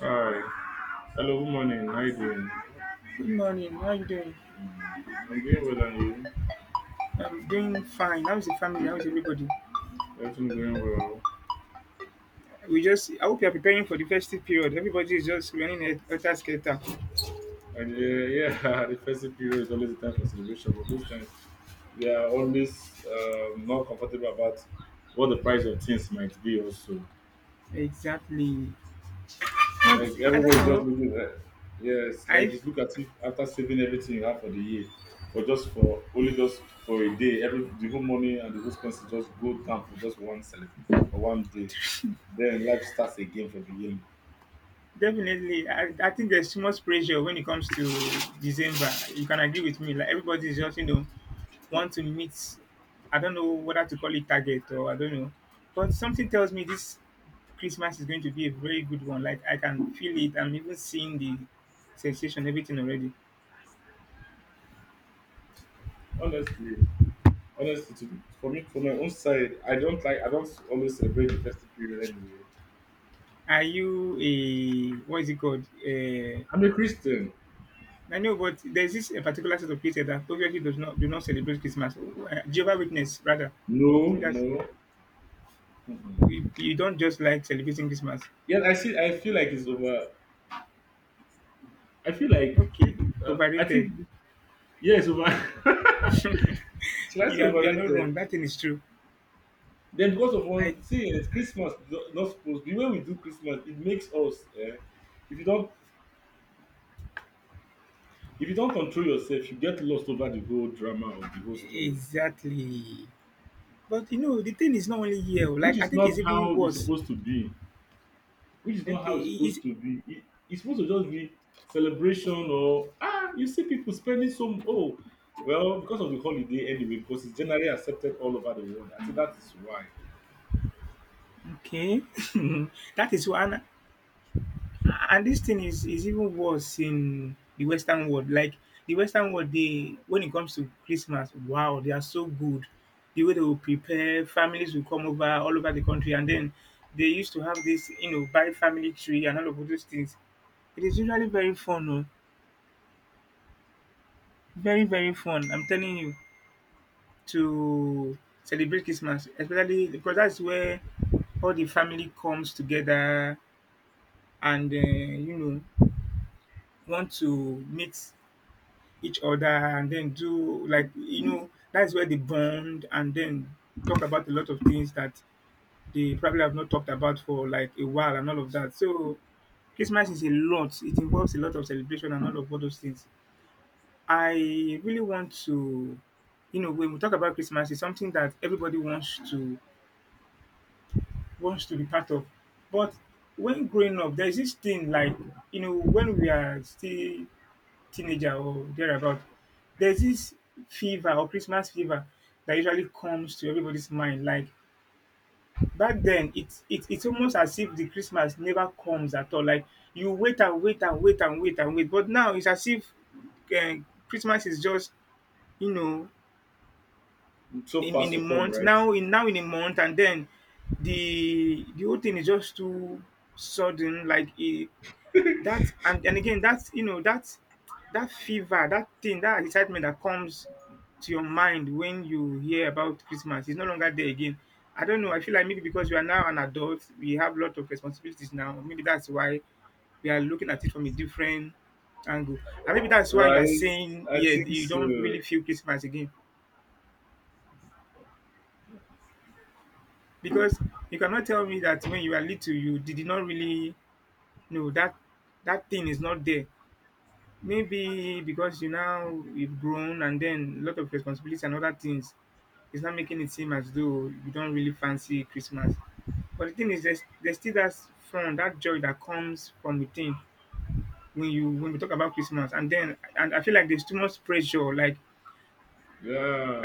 Hi. Hello, good morning. How you doing? Good morning. How are you doing? Mm, I'm doing well, and you? I'm doing fine. How is the family? How is everybody? Everything going well. We just I hope you are preparing for the festive period. Everybody is just running a helter skelter. Yeah, the festive period is always a time for celebration, but most times we are always not comfortable about what the price of things might be also. Exactly. But Like I don't everybody's just know. looking at yes, like I it's look at it after saving everything you have for the year, for just for only just for a day, every the whole money and the whole expenses just go down for just one cele for one day. Then life starts again from beginning. definitely I think there's too much pressure when it comes to December. You can agree with me. Like everybody is just, you know, want to meet. I don't know whether to call it target or I don't know, but something tells me this Christmas is going to be a very good one. Like I can feel it. I'm even seeing the sensation, everything already. Honestly, honestly, for me, for my own side, I don't like I don't always celebrate the festive period anyway. Are you a, what is it called, I'm a Christian. I know, but there's this a particular set of people that obviously does not do not celebrate Christmas, Jehovah Witness rather. No, I think that's no. Mm-mm. you don't just like celebrating Christmas. Yeah, I see. I feel like it's over. I feel like Okay. people. I Overrated. think yeah, it's over. Should I say You are not wrong, overrated? that thing is true. Then because of Like one, see, it's Christmas is not not supposed. The way we do Christmas, it makes us. If you don't, if you don't control yourself, you get lost over the whole drama of the whole story, exactly. But you know, the thing is not only here. Oh, which Like I is think not it's even how it's worse. supposed to be. Which is not Okay, how it's it is supposed to be. It's supposed to just be celebration or you see people spending some well because of the holiday anyway. Because it's generally accepted all over the world. I think that is why okay. That is one, and this thing is even worse in the Western world. Like the Western world, they, when it comes to Christmas, wow, they are so good. The way they will prepare, families will come over all over the country, and then they used to have this, you know, buy family tree and all of those things. It is usually very fun, very very fun. I'm telling you. To celebrate Christmas, especially because that's where all the family comes together, and you know, want to meet each other, and then do, like, you know, that's where they bond and then talk about a lot of things that they probably have not talked about for like a while and all of that. So Christmas is a lot. It involves a lot of celebration and all those things. I really want to, you know, when we talk about Christmas, it's something that everybody wants to, wants to be part of. But when growing up, there's this thing like, you know, when we are still teenager or thereabout, there's this fever or Christmas fever that usually comes to everybody's mind. Like back then, it's almost as if the Christmas never comes at all. Like you wait and wait and wait and wait and wait, but now it's as if, eh, Christmas is just, you know, so in far in a so come month, right. now in, now in a month, and then the whole thing is just too sudden, like it, that, and again, that's, you know, that's that fever, that thing, that excitement that comes to your mind when you hear about Christmas is no longer there again. I don't know. I feel like maybe because we are now an adult, we have a lot of responsibilities now, maybe that's why we are looking at it from a different angle, and maybe that's why you are Right, saying I yeah, think you don't so. really feel Christmas again. Because you cannot tell me that, when you were little, you did not really know that that thing is not there. Maybe because you've grown, and then a lot of responsibilities and other things is not making it seem as though you don't really fancy Christmas. But the thing is, there's still that fun, that joy that comes from within when you when we talk about Christmas, and I feel like there's too much pressure. Like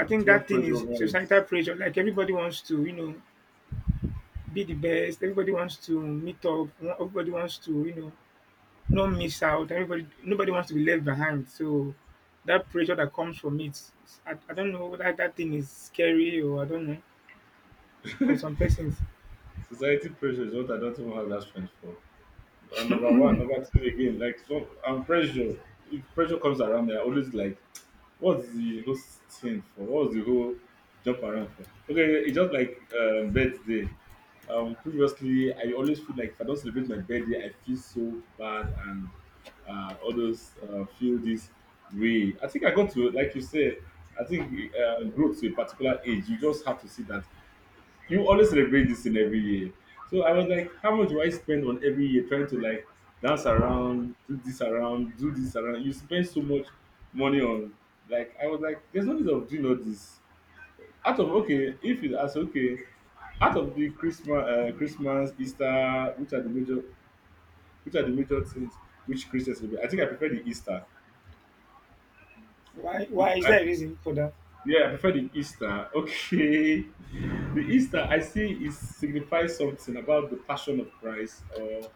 I think too much that thing pressure is over it. societal pressure. Like everybody wants to, you know, be the best. Everybody wants to meet up. Everybody wants to, you know, not miss out. Everybody, nobody wants to be left behind. So that pressure that comes from it, I don't know whether that thing is scary, or I don't know, for some persons. Society pressure is what I don't even have that strength for. Number one, number two again, like so I'm pressure. If pressure comes around me, I always like, what's the whole thing for? What's the whole jump around for? Okay, it's just like birthday. Previously, I always feel like if I don't celebrate my birthday, I feel so bad and others feel this way. I think I got to like you said. I think grow to a particular age, you just have to see that you always celebrate this thing every year. So I was like, how much do I spend on every year trying to like dance around, do this around, do this around? You spend so much money on like I was like, there's no need of doing all this. Out of okay, if you ask okay, out of the Christmas, Christmas, Easter, which are the major things which Christians celebrate. I think I prefer the Easter. Why? Why is I, there a reason for that? Yeah, I prefer the Easter. Okay. The Easter, I see, it signifies something about the passion of Christ or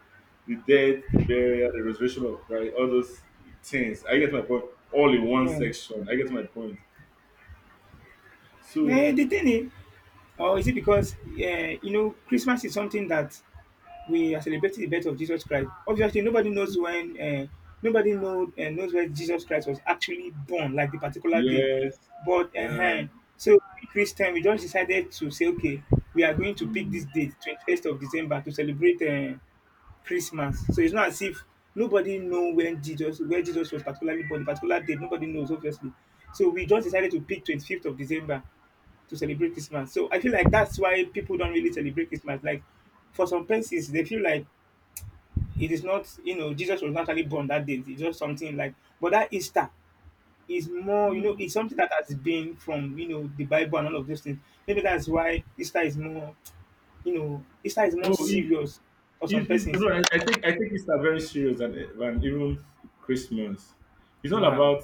the death, the burial, the resurrection of Christ, all those things. I get my point. All in one Yeah. section. I get my point. Eh, So, the thing is, or is it because, you know, Christmas is something that we are celebrating the birth of Jesus Christ. Obviously, nobody knows when, nobody know, knows when Jesus Christ was actually born, like the particular day. yes. But Uh, so we Christian, we just decided to say, okay, we are going to pick mm, this date, 21st of December, to celebrate Christmas. So it's not as if nobody know when where Jesus was particularly born, the particular date. Nobody knows, obviously. So we just decided to pick 25th of December to celebrate Christmas. So I feel like that's why people don't really celebrate Christmas. Like for some persons, they feel like it is not, you know, Jesus was not actually born that day. It's just something like, but that Easter is more, you know, mm. it's something that has been from, you know, the Bible and all of those things. Maybe that's why Easter is more, you know, Easter is more Oh, it, serious for some persons. no, I think Easter very serious than even Christmas. It's not Wow. about,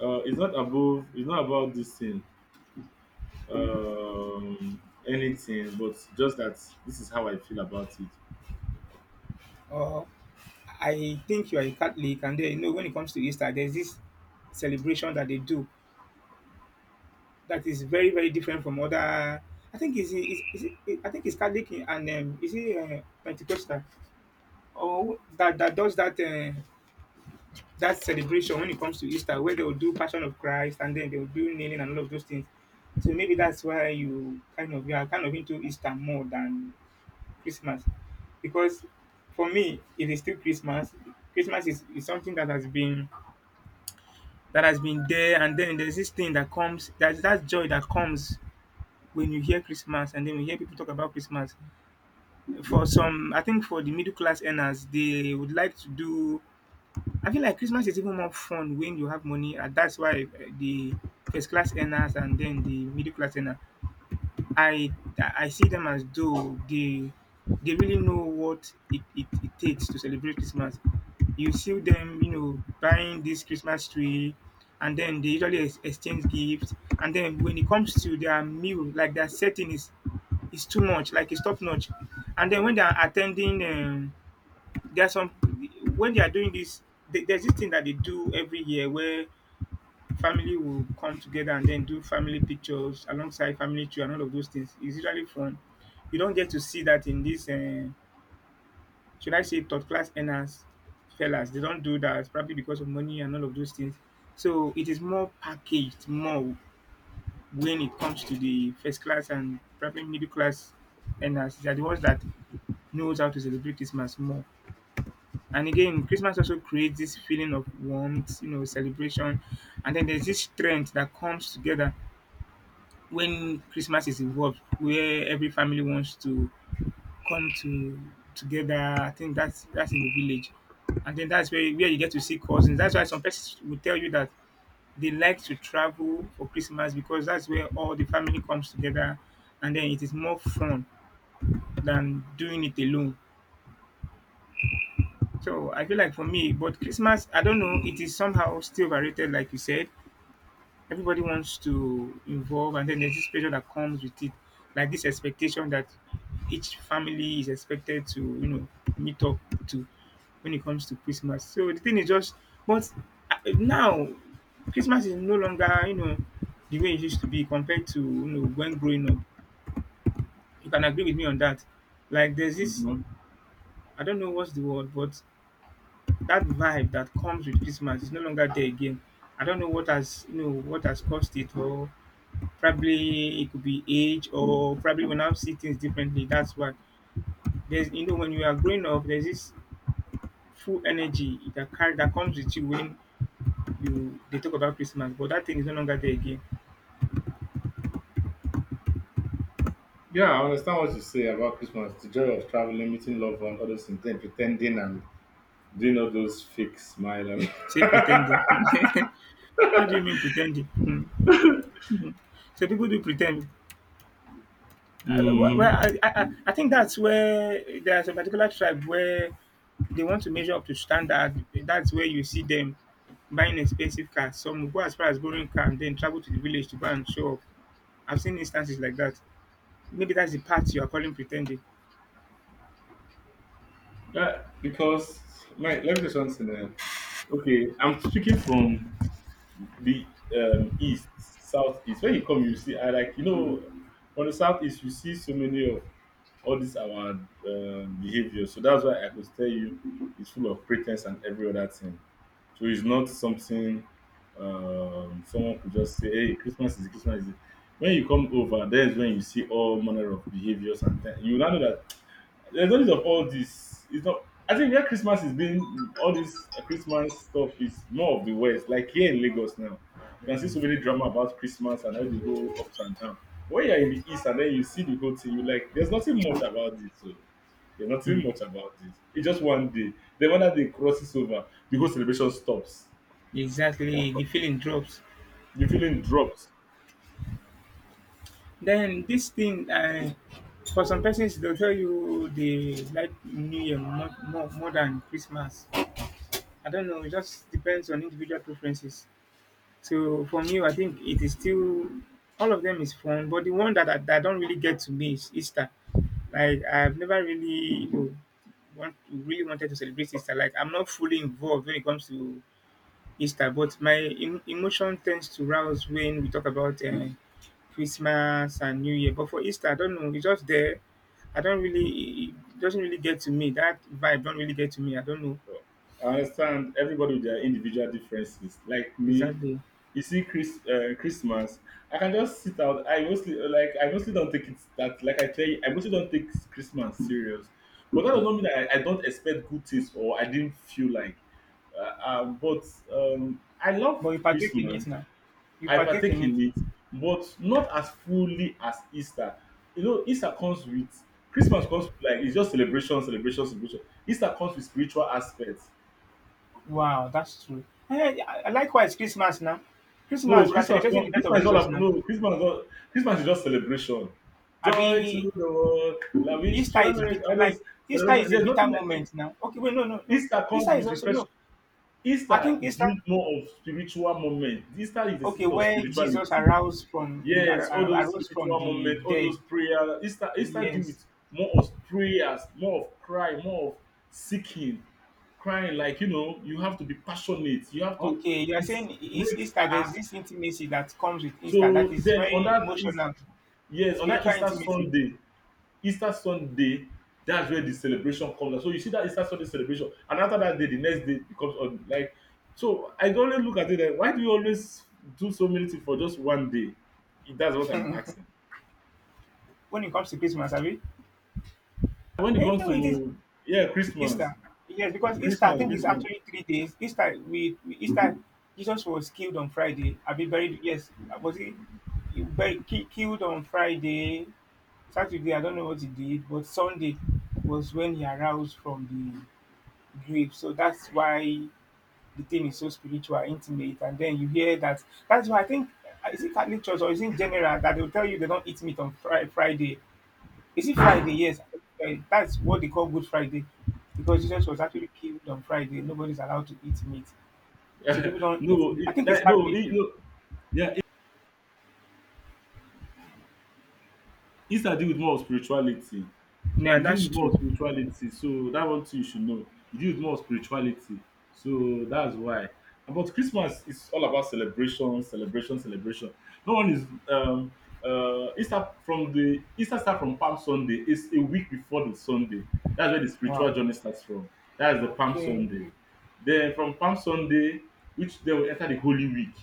it's not above, it's not about this thing. um, anything, but just that this is how I feel about it. Oh, I think you are a Catholic, and then, you know, when it comes to Easter, there's this celebration that they do that is very, very different from other. I think I think it's Catholic and is it Pentecostal or that that does that. That celebration when it comes to Easter, where they will do Passion of Christ and then they will do kneeling and all of those things. So maybe that's why you are kind of into Easter more than Christmas, because for me it is still Christmas. Christmas is something that has been, that has been there, and then there's this thing that comes, that joy that comes when you hear Christmas, and then we hear people talk about Christmas. For some, I think for the middle class earners, they would like to do, I feel like Christmas is even more fun when you have money, and that's why the first class earners and then the middle class earner, I I see them as though they really know what it takes to celebrate Christmas. You see them, you know, buying this Christmas tree, and then they usually exchange gifts. And then when it comes to their meal, like their setting is too much, like it's top notch. And then when they are attending, there's some, when they are doing this, there's this thing that they do every year where family will come together and then do family pictures alongside family tree and all of those things. It's usually fun. You don't get to see that in this, should I say, third class earners, fellas. They don't do that probably because of money and all of those things. So it is more packaged more when it comes to the first class and probably middle class earners. They are the ones that knows how to celebrate Christmas more. And again, Christmas also creates this feeling of warmth, you know, celebration. And then there's this strength that comes together when Christmas is involved, where every family wants to come to together. I think that's in the village. And then that's where you get to see cousins. That's why some persons will tell you that they like to travel for Christmas because that's where all the family comes together and then it is more fun than doing it alone. So I feel like for me, but Christmas, I don't know, it is somehow still overrated, like you said. Everybody wants to involve, and then there's this pressure that comes with it, like this expectation that each family is expected to, you know, meet up to, when it comes to Christmas. So the thing is just, but now Christmas is no longer, you know, the way it used to be compared to, you know, when growing up. You can agree with me on that. Like there's this, Mhm. I don't know what's the word, but that vibe that comes with Christmas is no longer there again. I don't know what has, you know, what has caused it, or probably it could be age, or probably we now see things differently. That's why there's, you know, when you are growing up, there's this full energy that that comes with you when you they talk about Christmas, but that thing is no longer there again. Yeah, I understand what you say about Christmas, the joy of traveling, meeting loved ones, all those things, then pretending and doing all those fake smile. And Say pretending. What do you mean pretending? Hmm. Mhm. So people do pretend. Well, Mhm. I think that's where there's a particular tribe where they want to measure up to standard. That's where you see them buying expensive cars. Some will go as far as borrowing car and then travel to the village to go and show off. I've seen instances like that. Maybe that's the part you are calling pretending. Yeah, because, my, let me say something. Eh. Okay, I'm speaking from the east, southeast. When you come, you see, I like, you know, on the southeast, you see so many of all these our behavior. So that's why I could tell you it's full of pretense and every other thing. So it's not something someone could just say, hey, Christmas. Is it. When you come over, there's when you see all manner of behaviors and things. You now know that there's no need of all this. It's not. I think where Christmas is being all this Christmas stuff is more of the West. Like here in Lagos now, you can see so many drama about Christmas and all the whole ups and downs. When you're in the East and then you see the whole thing, you like there's nothing much about it. So there's nothing Hmm. much about this. It's just one day. Then when that day crosses over, the whole celebration stops. Exactly, the feeling drops. The feeling drops. Then this thing, for some persons, they'll tell you they like New Year more than Christmas. I don't know. It just depends on individual preferences. So for me, I think it is still all of them is fun, but the one that I don't really get to me is Easter. Like I've never really want really wanted to celebrate Easter. Like I'm not fully involved when it comes to Easter, but my emotion tends to rouse when we talk about Christmas and New Year. But for Easter, I don't know. It's just there. I don't really. It doesn't really get to me. That vibe don't really get to me. I don't know I understand everybody with their individual differences. Like me, exactly. you see Christmas, I can just sit out. I mostly like I mostly don't take it that like I tell you, I mostly don't take Christmas serious. But that doesn't mean that I don't expect good things or I didn't feel like. But I love But you partake in Christmas. it now. You I partake partake in it. in it, but not as fully as Easter. You know, Easter comes with Christmas comes with, like it's just celebration, celebration, celebration. Easter comes with spiritual aspects. Wow, that's true. Eh, yeah, likewise, Christmas now. No, Christmas, we are Christmas. celebrating No, the birth of Christmas is all Jesus about, now. no. Christmas is just celebration. I Joy to mean, the world. Like we, Easter you a is merry. bit All those like Easter celebration. is a There's bitter nothing like it. moment now. Okay, wait, no, no, no. Easter comes Easter is with also refresh. no. I Easter think Easter. deals more of spiritual moment. Easter is the Okay, season of where Jesus spirituality. arose from in Yes, all those arose from spiritual the moments, all dead. those prayers. Easter deal Yes. with more of prayers, more of cry, more of seeking, crying. Like you know, you have to be passionate. You have to. Okay, you are It saying is breaks. Easter. There's this intimacy that comes with Easter that So is then on very that is emotional, yes, on that spiritual Easter intimacy. Sunday, Easter Sunday, that's where the celebration comes. So you see that Easter Sunday celebration, and after that day, the next day becomes on like so I always look at it like why do you always do so many things for just one day? If that's what I'm asking. When it comes to Christmas, I mean, When it eh, comes no, it is. to yeah, Christmas. Easter. Yes, because Easter, I think, is Christmas. actually 3 days. Easter, we Easter, Jesus was killed on Friday. I'll be buried. Yes, was he buried, killed on Friday? Saturday, I don't know what he did, but Sunday was when he aroused from the grave. So that's why the thing is so spiritual, intimate. And then you hear that. That's why I think, is it Catholic Church or is it in general that they'll tell you they don't eat meat on Friday? Is it Friday? Yes, eh, that's what they call Good Friday, because Jesus was actually killed on Friday. Nobody's allowed to eat meat, so people don't eat no, meat. I it, think it's that, no, Catholic. it, no, yeah, it, Easter deal with more of spirituality. Yeah, It deals that's with more true. of spirituality, so that one thing you should know. It deals with more of spirituality, so that's why. But Christmas is all about celebration, celebration, celebration. No one is Easter from the Easter start from Palm Sunday. It's a week before the Sunday. That's where the Wow. spiritual journey starts from. That's the Palm Okay, Sunday. Then from Palm Sunday, which then we enter the Holy Week.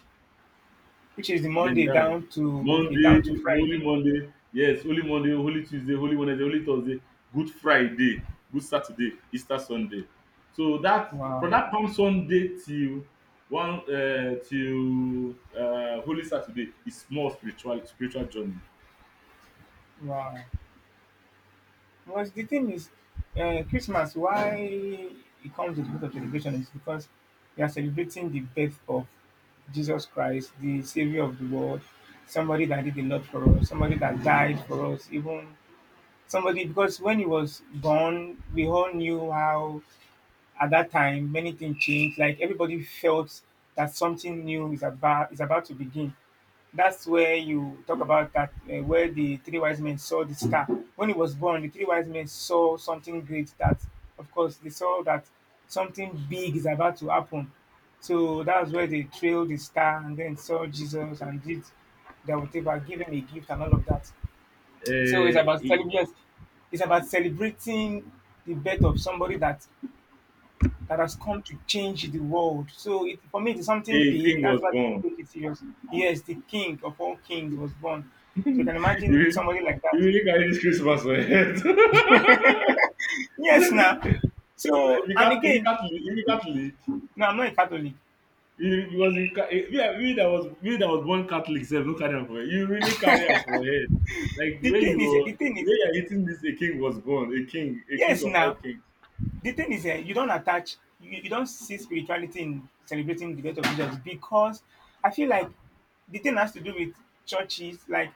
which is the Then Monday that down to okay Monday, down to Friday. Holy Monday, Holy Tuesday, Holy Wednesday, Holy Thursday, Good Friday, Good Saturday, Easter Sunday. So that from Wow, that Palm Sunday till one till Holy Saturday is more spiritual journey. wow. Because the thing is, Christmas. Why it comes with a lot of celebration is because we are celebrating the birth of Jesus Christ, the Savior of the world, somebody that did a lot for us, somebody that died for us, even somebody because when he was born, we all knew how at that time many things changed. Like everybody felt that something new is about to begin. That's where you talk about that where the three wise men saw the star. When he was born, the three wise men saw something great. That of course they saw that something big is about to happen. So that's where they trailed the star and then saw Jesus and did their whatever, giving a gift and all of that. So it's Uh, about a yes, it's about celebrating the birth of somebody that has come to change the world. So it, for me, it's something a big. king was That's why people born. take it serious. Yes, the king of all kings was born. So you can you imagine really, somebody like you that. really carry this Christmas for your head. Yes, now. So and again, if you can't lead, no, I'm not a Catholic. you, because you, ca- eh, me, me that was born Catholic self, no carry am for head. You really carry am for head. Like the way you were, The thing the is, way you're eating this, a king was born, a king yes, of all now. kings. The thing is, you don't attach, you don't see spirituality in celebrating the birth of Jesus because I feel like the thing has to do with churches. Like,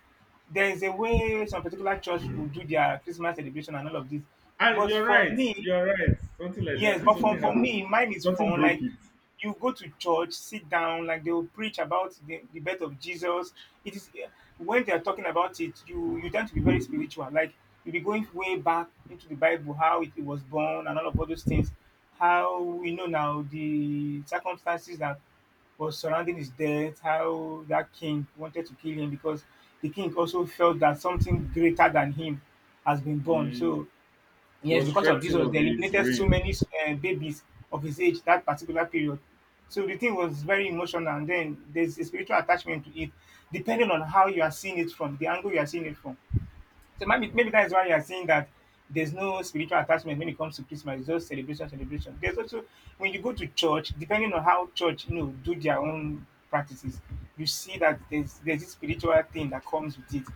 there is a way some particular church will do their Christmas celebration and all of this. And But you're for right, me, you're right. Something like that. I yes, think but something for happened. me, mine is Something fun. broke Like it. you go to church, sit down, like they will preach about the birth of Jesus. It is when they are talking about it, you tend to be very spiritual. Like you'll be going way back into the Bible, how it was born and all of all those things. How we know now the circumstances that was surrounding his death, how that king wanted to kill him because the king also felt that something greater than him has been born. Mm. So It yes, was because of threatening Jesus, of they his eliminated so reign. many babies of his age that particular period. So the thing was very emotional, and then there's a spiritual attachment to it, depending on how you are seeing it from the angle you are seeing it from. So maybe maybe that is why you are seeing that there's no spiritual attachment when it comes to Christmas. It's just celebration, celebration. There's also when you go to church, depending on how church you know do their own practices, you see that there's this spiritual thing that comes with it.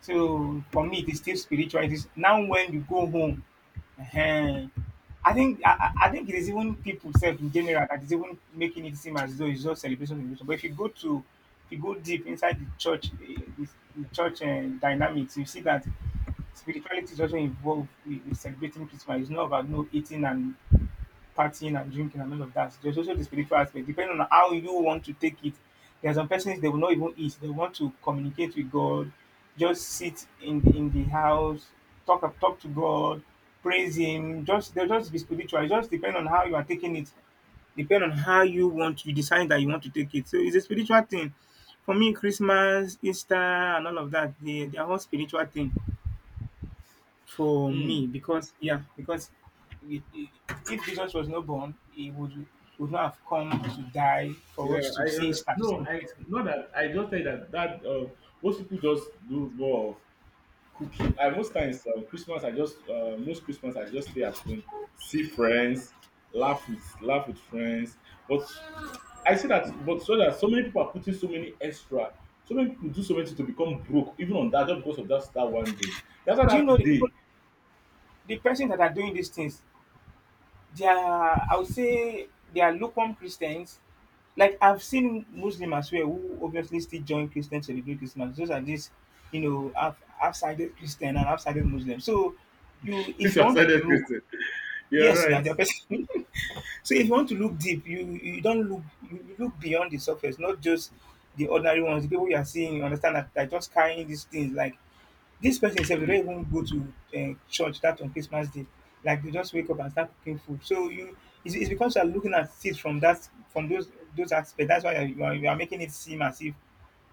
So for me, it is still spiritual. It is now when you go home. Ehen. I think I, I think it is even people self in general that is even making it seem as though it's just celebration, celebration. But if you go to if you go deep inside the church eh, dynamics, you see that spirituality is also involved with celebrating Christmas. It's not about no eating and partying and drinking and all of that. There's also the spiritual aspect. Depending on how you want to take it, there are some persons they will not even eat. They want to communicate with God, just sit in in the house, talk to God, praise Him. Just they'll just be spiritual. It just depends on how you are taking it. Depend on how you want you decide that you want to take it. So it's a spiritual thing. For me, Christmas, Easter, and all of that, they are all spiritual thing for Mm. me because yeah because i- i- if Jesus was not born he would not have come to die for Yeah, us to I see his understand. statue No, I celebrate. not that I just say that most people just do more of cooking. I most times Christmas, I just most Christmas I just stay at home, see friends, laugh with friends. But I see that, but so that so many people are putting so many extra, so many people do so many things to become broke, even on that just because of that star one day. That's why Do you know that the day people the persons that are doing these things they are I would say they are lukewarm Christians. Like I've seen Muslim as well who obviously still join Christians to celebrate Christmas. Those are these you know half half-sided Christian and half-sided Muslim. So you is if you your want to look Christian. You're yes now right. they're person. So if you want to look deep, you don't look you look beyond the surface, not just the ordinary ones, the people you are seeing, you understand that they're just carrying these things. Like this person said, they don't even go to church that on Christmas Day. Like they just wake up and start cooking food. So you it's because you're looking at it from that from those aspects. That's why you are making it seem as if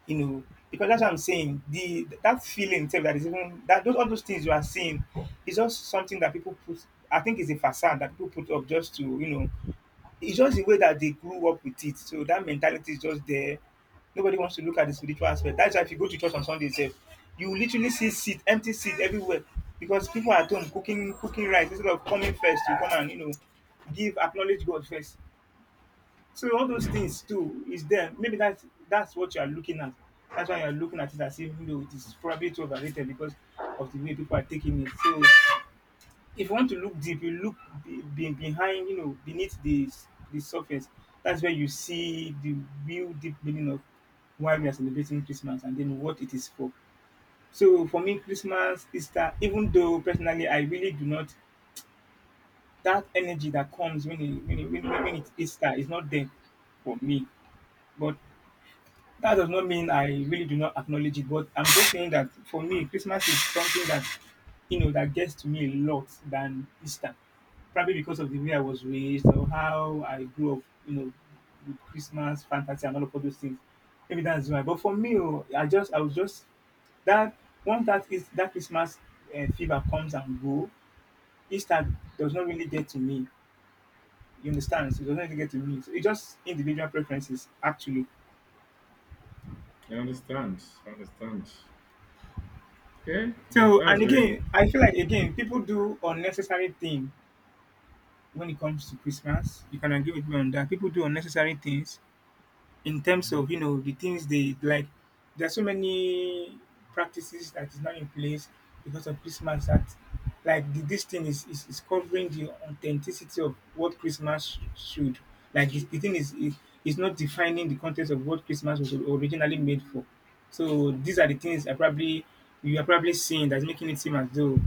you know because that's what I'm saying. The that feeling itself that is even that those all those things you are seeing is just something that people put. I think it's a facade that people put up just to you know it's just the way that they grew up with it. So that mentality is just there. Nobody wants to look at the spiritual aspect. That's why if you go to church on Sunday itself, you literally see seat, empty seat everywhere because people are at home cooking, cooking rice instead of coming first to come and you know give acknowledge God first. So all those things too is there. Maybe that's what you are looking at. That's why you are looking at it as if you know it is probably too overrated because of the way people are taking it. So if you want to look deep, you look behind, you know, beneath the surface. That's where you see the real deep meaning of why we are celebrating Christmas and then what it is for. So for me, Christmas, Easter, even though personally I really do not that energy that comes when when it's Easter is not there for me, but that does not mean I really do not acknowledge it, but I'm just saying that for me, Christmas is something that you know that gets to me a lot than Easter. Probably because of the way I was raised or how I grew up, you know, with Christmas fantasy and all of all those things. Maybe that's why. But for me, oh, I was just that once that is that Christmas fever comes and go, Easter does not really get to me. You understand? So it doesn't really get to me. So it's just individual preferences, actually. I understand. I understand. Okay, So, that's and very nice. again, I feel like again, people do unnecessary thing when it comes to Christmas. You can agree with me on that. People do unnecessary things in terms of you know the things they like. There are so many practices that is not in place because of Christmas that, like, this thing is covering the authenticity of what Christmas should. Like, it's, the thing is not defining the context of what Christmas was originally made for. So these are the things I probably you are probably seeing that's making it seem as though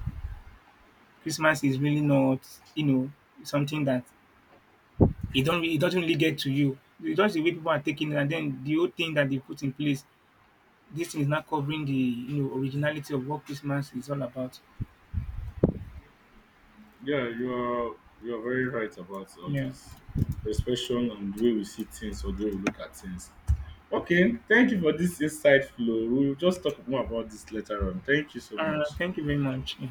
Christmas is really not, you know, something that it don't really, it doesn't really get to you. It's just the way people are taking it, and then the whole thing that they put in place, this is not covering the you know originality of what Christmas is all about. Yeah, you are very right about all Yeah. this. Expression and the way we see things or the way we look at things. Okay, thank you for this insightful. Oh. We'll just talk more about this later on. Thank you so much. Thank you very much. Yeah.